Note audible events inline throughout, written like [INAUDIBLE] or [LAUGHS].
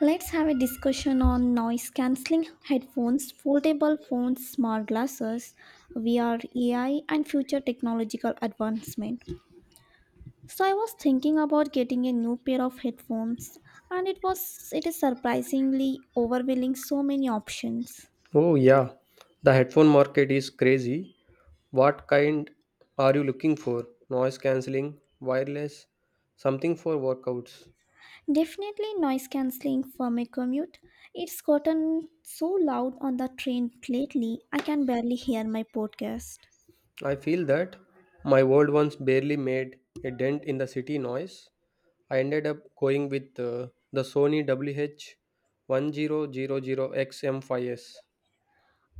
Let's have a discussion on noise cancelling headphones, foldable phones, smart glasses, VR, AI, and future technological advancement. So I was thinking about getting a new pair of headphones and it is surprisingly overwhelming so many options. Oh, yeah. The headphone market is crazy. What kind are you looking for? Noise cancelling, wireless, something for workouts. Definitely noise cancelling for my commute. It's gotten so loud on the train lately I can barely hear my podcast. I feel that my old ones barely made a dent in the city noise. I ended up going with the Sony WH-1000XM5S.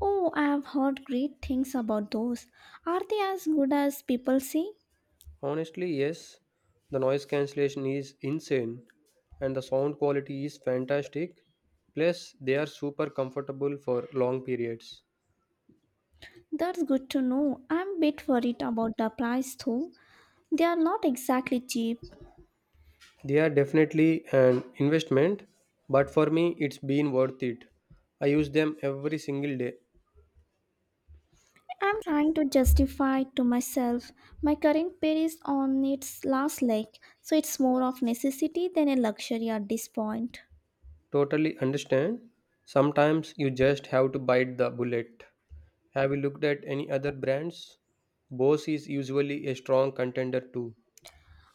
Oh, I've heard great things about those. Are they as good as people say? Honestly, yes, the noise cancellation is insane and the sound quality is fantastic. Plus, they are super comfortable for long periods. That's good to know. I'm a bit worried about the price though. They are not exactly cheap. They are definitely an investment, but for me, it's been worth it. I use them every single day. I'm trying to justify to myself my current pair is on its last leg, so it's more of necessity than a luxury at this point. Totally understand. Sometimes you just have to bite the bullet. Have you looked at any other brands? Bose is usually a strong contender too.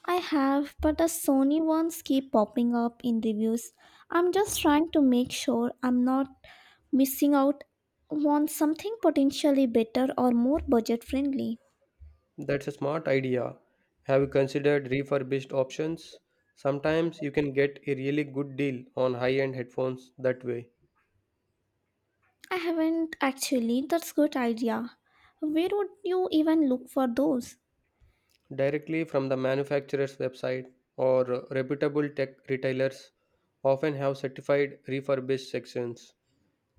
I have, but the Sony ones keep popping up in reviews. I'm just trying to make sure I'm not missing out on something potentially better or more budget friendly. That's a smart idea. Have you considered refurbished options? Sometimes you can get a really good deal on high end headphones that way, I haven't actually, that's good idea. Where would you even look for those? directly from the manufacturer's website or reputable tech retailers often have certified refurbished sections.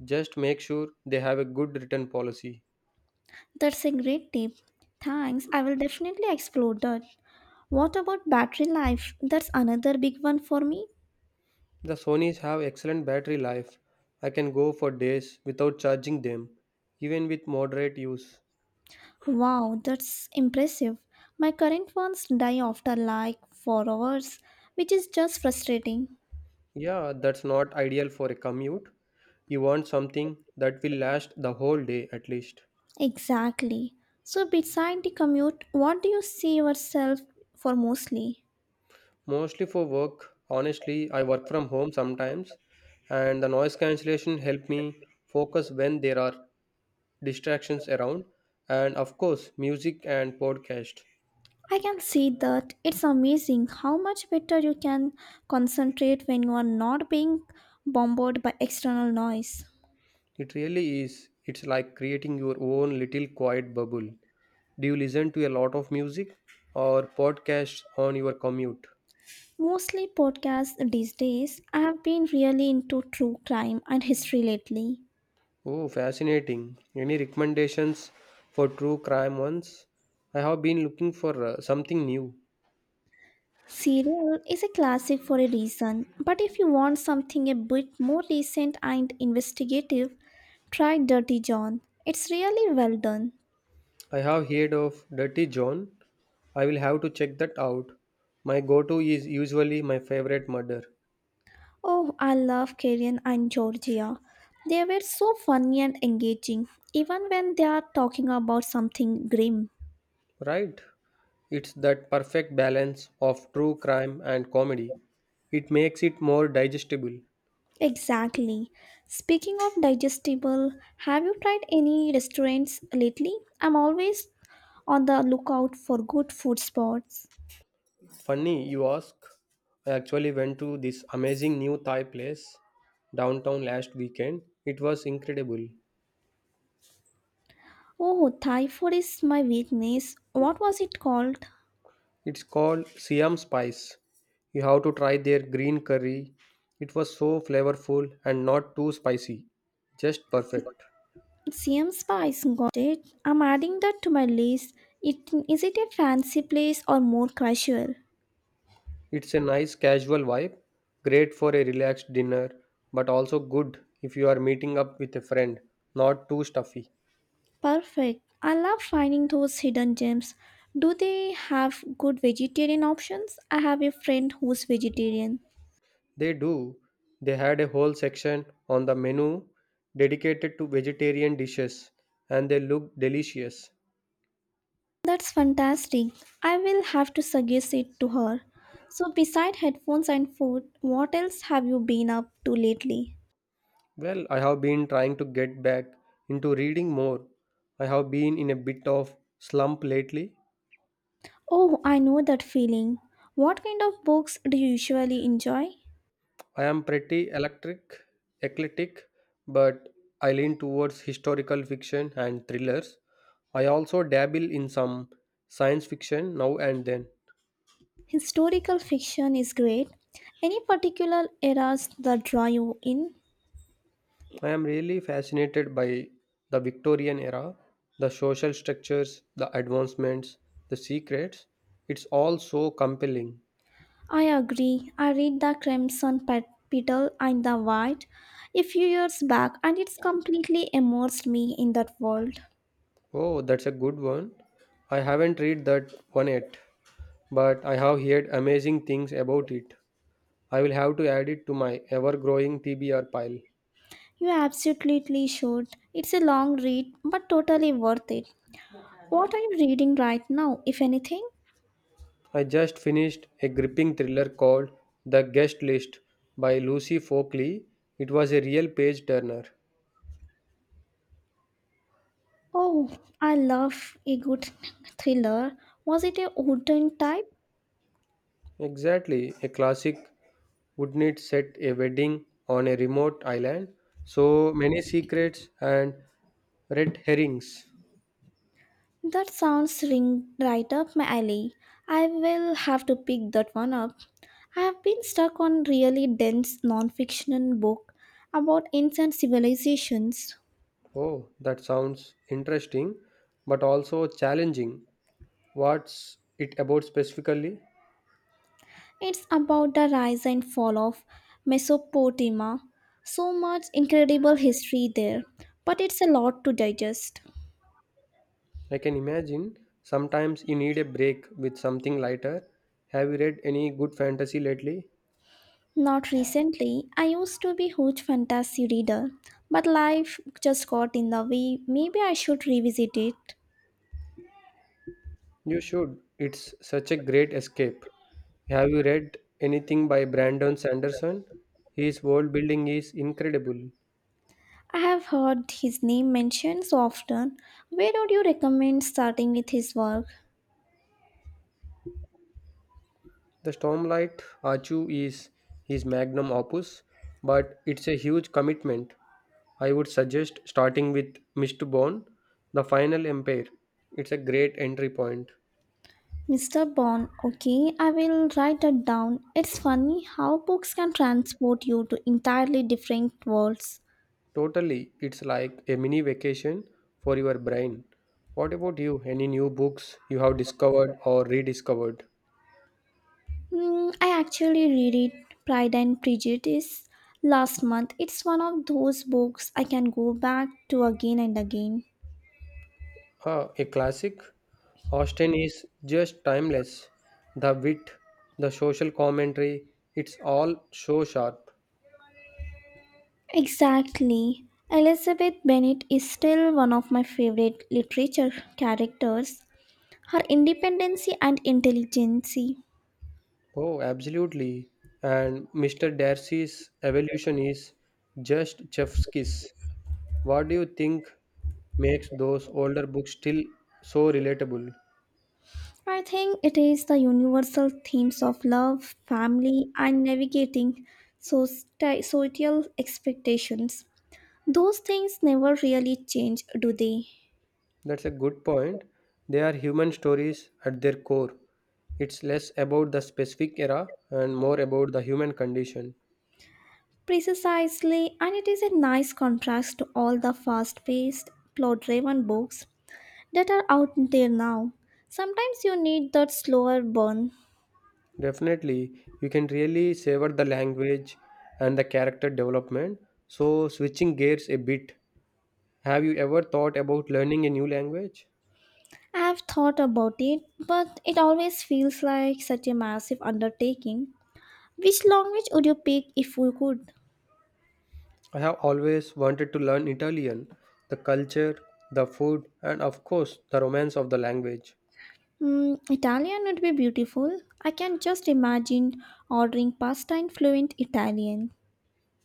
Just make sure they have a good return policy. That's a great tip. Thanks, I will definitely explore that. What about battery life? That's another big one for me. The Sonys have excellent battery life. I can go for days without charging them, even with moderate use. Wow, that's impressive. My current ones die after like 4 hours, which is just frustrating. Yeah, that's not ideal for a commute. You want something that will last the whole day at least. Exactly. So, beside the commute, what do you see yourself for mostly? Mostly for work, honestly, I work from home sometimes, and the noise cancellation help me focus when there are distractions around, and of course, music and podcast. I can see that it's amazing how much better you can concentrate when you are not being bombarded by external noise. It really is. It's like creating your own little quiet bubble. Do you listen to a lot of music or podcasts on your commute? Mostly podcasts these days. I have been really into true crime and history lately. Oh, fascinating. Any recommendations for true crime ones? I have been looking for something new. Serial is a classic for a reason, but if you want something a bit more recent and investigative, try Dirty John. It's really well done. I have heard of Dirty John. I will have to check that out. My go to is usually my favorite murder. Oh, I love Karen and Georgia. They were so funny and engaging, even when they are talking about something grim. Right? It's that perfect balance of true crime and comedy. It makes it more digestible. Exactly. Speaking of digestible, have you tried any restaurants lately? I'm always on the lookout for good food spots. Funny, you ask. I actually went to this amazing new Thai place downtown last weekend. It was incredible. Oh, Thai food is my weakness. What was it called? It's called Siam Spice. You have to try their green curry. It was so flavorful and not too spicy. Just perfect. CM Spice, got it. I'm adding that to my list. It, is it a fancy place or more casual? It's a nice casual vibe, great for a relaxed dinner, but also good if you are meeting up with a friend, not too stuffy. Perfect. I love finding those hidden gems. Do they have good vegetarian options? I have a friend who's vegetarian. They do. They had a whole section on the menu dedicated to vegetarian dishes, and they look delicious. That's fantastic. I will have to suggest it to her. So, beside headphones and food, what else have you been up to lately? Well, I have been trying to get back into reading more. I have been in a bit of slump lately. Oh, I know that feeling. What kind of books do you usually enjoy? I am pretty eclectic, but I lean towards historical fiction and thrillers. I also dabble in some science fiction now and then. Historical fiction is great. Any particular eras that draw you in? I am really fascinated by the Victorian era, the social structures, the advancements, the secrets. It's all so compelling. I agree. I read The Crimson Petal and the White a few years back, and it's completely immersed me in that world. Oh, that's a good one. I haven't read that one yet, but I have heard amazing things about it. I will have to add it to my ever growing TBR pile. You absolutely should. It's a long read, but totally worth it. What are you reading right now, if anything? I just finished a gripping thriller called The Guest List by Lucy Folkley. It was a real page turner. Oh, I love a good thriller. Was it a wooden type? Exactly, a classic. Wouldn't it set a wedding on a remote island? So many secrets and red herrings. That sounds ring right up my alley. I will have to pick that one up. I have been stuck on really dense non-fiction book about ancient civilizations. Oh, that sounds interesting, but also challenging. What's it about specifically? It's about the rise and fall of Mesopotamia. So much incredible history there, but it's a lot to digest. I can imagine sometimes you need a break with something lighter. Have you read any good fantasy lately? Not recently. I used to be huge fantasy reader, but life just got in the way. Maybe I should revisit it. You should. It's such a great escape. Have you read anything by Brandon Sanderson? His world building is incredible. I have heard his name mentioned so often. Where would you recommend starting with his work? The Stormlight Archive is his magnum opus, but it's a huge commitment. I would suggest starting with Mistborn, The Final Empire. It's a great entry point. Mr. Bond, okay, I will write that down. It's funny how books can transport you to entirely different worlds. Totally, it's like a mini vacation for your brain. What about you? Any new books you have discovered or rediscovered? Hmm, I actually read it, Pride and Prejudice, last month. It's one of those books I can go back to again and again. Ah, a classic. Austen is just timeless. The wit, the social commentary, it's all so sharp. Exactly. Elizabeth Bennet is still one of my favorite literature characters. Her independence and intelligence. Oh, absolutely. And Mr. Darcy's evolution is just chef's kiss. What do you think makes those older books still so relatable? I think it is the universal themes of love, family, and navigating societal expectations. Those things never really change, do they? That's a good point. They are human stories at their core. It's less about the specific era and more about the human condition. Precisely, and it is a nice contrast to all the fast paced, plot driven books that are out there now. Sometimes you need that slower burn. Definitely, you can really savor the language and the character development. So, switching gears a bit, have you ever thought about learning a new language? I have thought about it, but it always feels like such a massive undertaking. Which language would you pick if you could? I have always wanted to learn Italian, the culture, the food, and of course, the romance of the language. Hmm, Italian would be beautiful. I can just imagine ordering pasta in fluent Italian.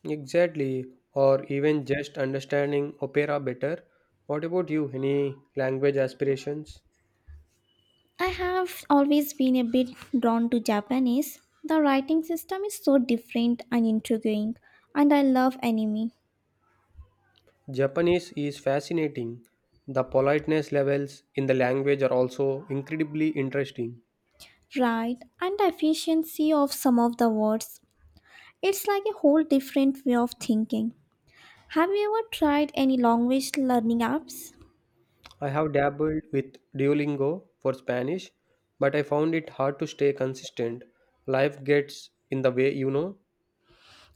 Exactly, or even just understanding opera better. What about you? Any language aspirations? I have always been a bit drawn to Japanese. The writing system is so different and intriguing, and I love anime. Japanese is fascinating. The politeness levels in the language are also incredibly interesting. Right, and the efficiency of some of the words. It's like a whole different way of thinking. Have you ever tried any language learning apps? I have dabbled with Duolingo for Spanish, but I found it hard to stay consistent. Life gets in the way, you know.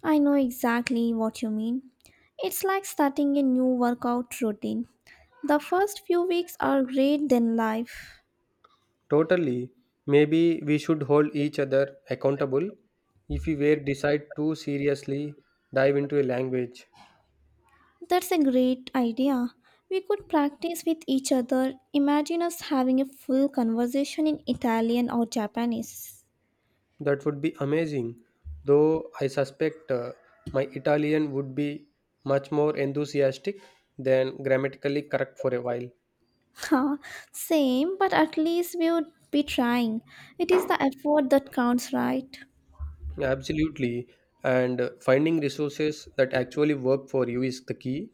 I know exactly what you mean. It's like starting a new workout routine. The first few weeks are great, then life. Totally. Maybe we should hold each other accountable. If we were decide to seriously dive into a language, That's a great idea. We could practice with each other. Imagine us having a full conversation in Italian or Japanese. that would be amazing. Though I suspect my Italian would be much more enthusiastic than grammatically correct for a while. [LAUGHS] Ha, same, but at least we would be trying. It is the effort that counts, right? Absolutely. And finding resources that actually work for you is the key.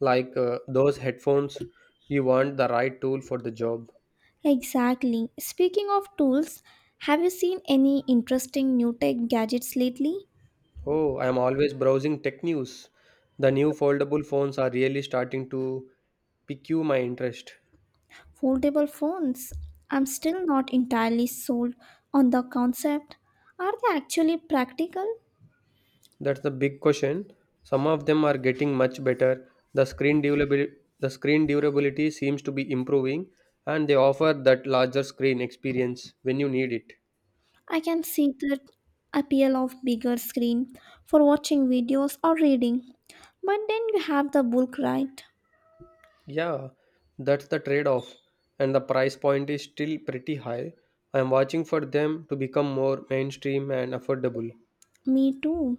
Like those headphones, you want the right tool for the job. Exactly. Speaking of tools, have you seen any interesting new tech gadgets lately? Oh, I am always browsing tech news. The new foldable phones are really starting to pique my interest. Foldable phones. I'm still not entirely sold on the concept. Are they actually practical? That's the big question. Some of them are getting much better. The screen durability seems to be improving, and they offer that larger screen experience when you need it. I can see the appeal of bigger screen for watching videos or reading. But then you have the bulk right. Yeah, that's the trade off, and the price point is still pretty high. I am watching for them to become more mainstream and affordable. Me too.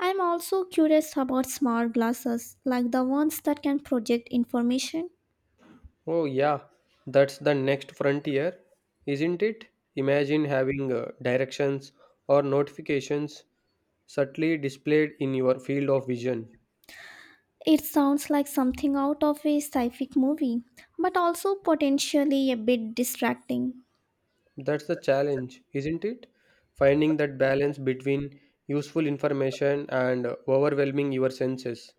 I'm also curious about smart glasses, like the ones that can project information. Oh, yeah, that's the next frontier, isn't it? Imagine having directions or notifications subtly displayed in your field of vision. It sounds like something out of a sci fi movie, but also potentially a bit distracting. That's the challenge, isn't it? Finding that balance between useful information and overwhelming your senses.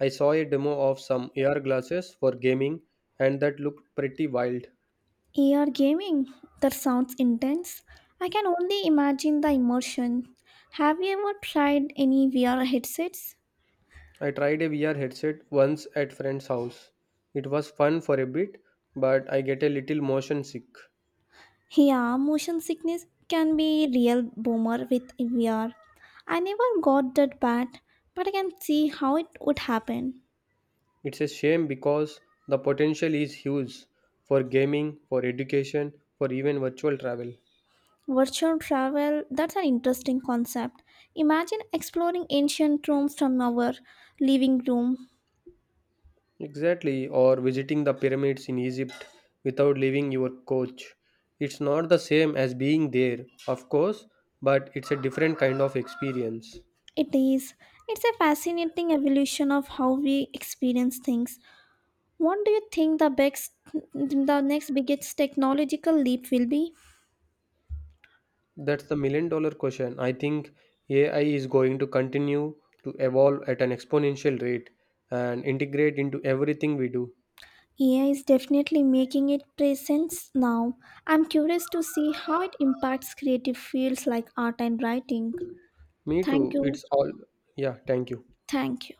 I saw a demo of some AR glasses for gaming, and that looked pretty wild. AR gaming? That sounds intense. I can only imagine the immersion. Have you ever tried any VR headsets? I tried a VR headset once at friend's house. It was fun for a bit, but I get a little motion sick. Yeah, motion sickness can be a real boomer with VR. I never got that bad, but I can see how it would happen. It's a shame because the potential is huge for gaming, for education, for even virtual travel. Virtual travel, that's an interesting concept. Imagine exploring ancient rooms from our living room. Exactly, or visiting the pyramids in Egypt without leaving your coach. It's not the same as being there, of course, but it's a different kind of experience. It is. It's a fascinating evolution of how we experience things. What do you think the biggest, the next biggest technological leap will be? That's the million dollar question. I think AI is going to continue to evolve at an exponential rate and integrate into everything we do. AI is definitely making it presence now. I'm curious to see how it impacts creative fields like art and writing. Me Thank too. you. It's all. Yeah, thank you. Thank you.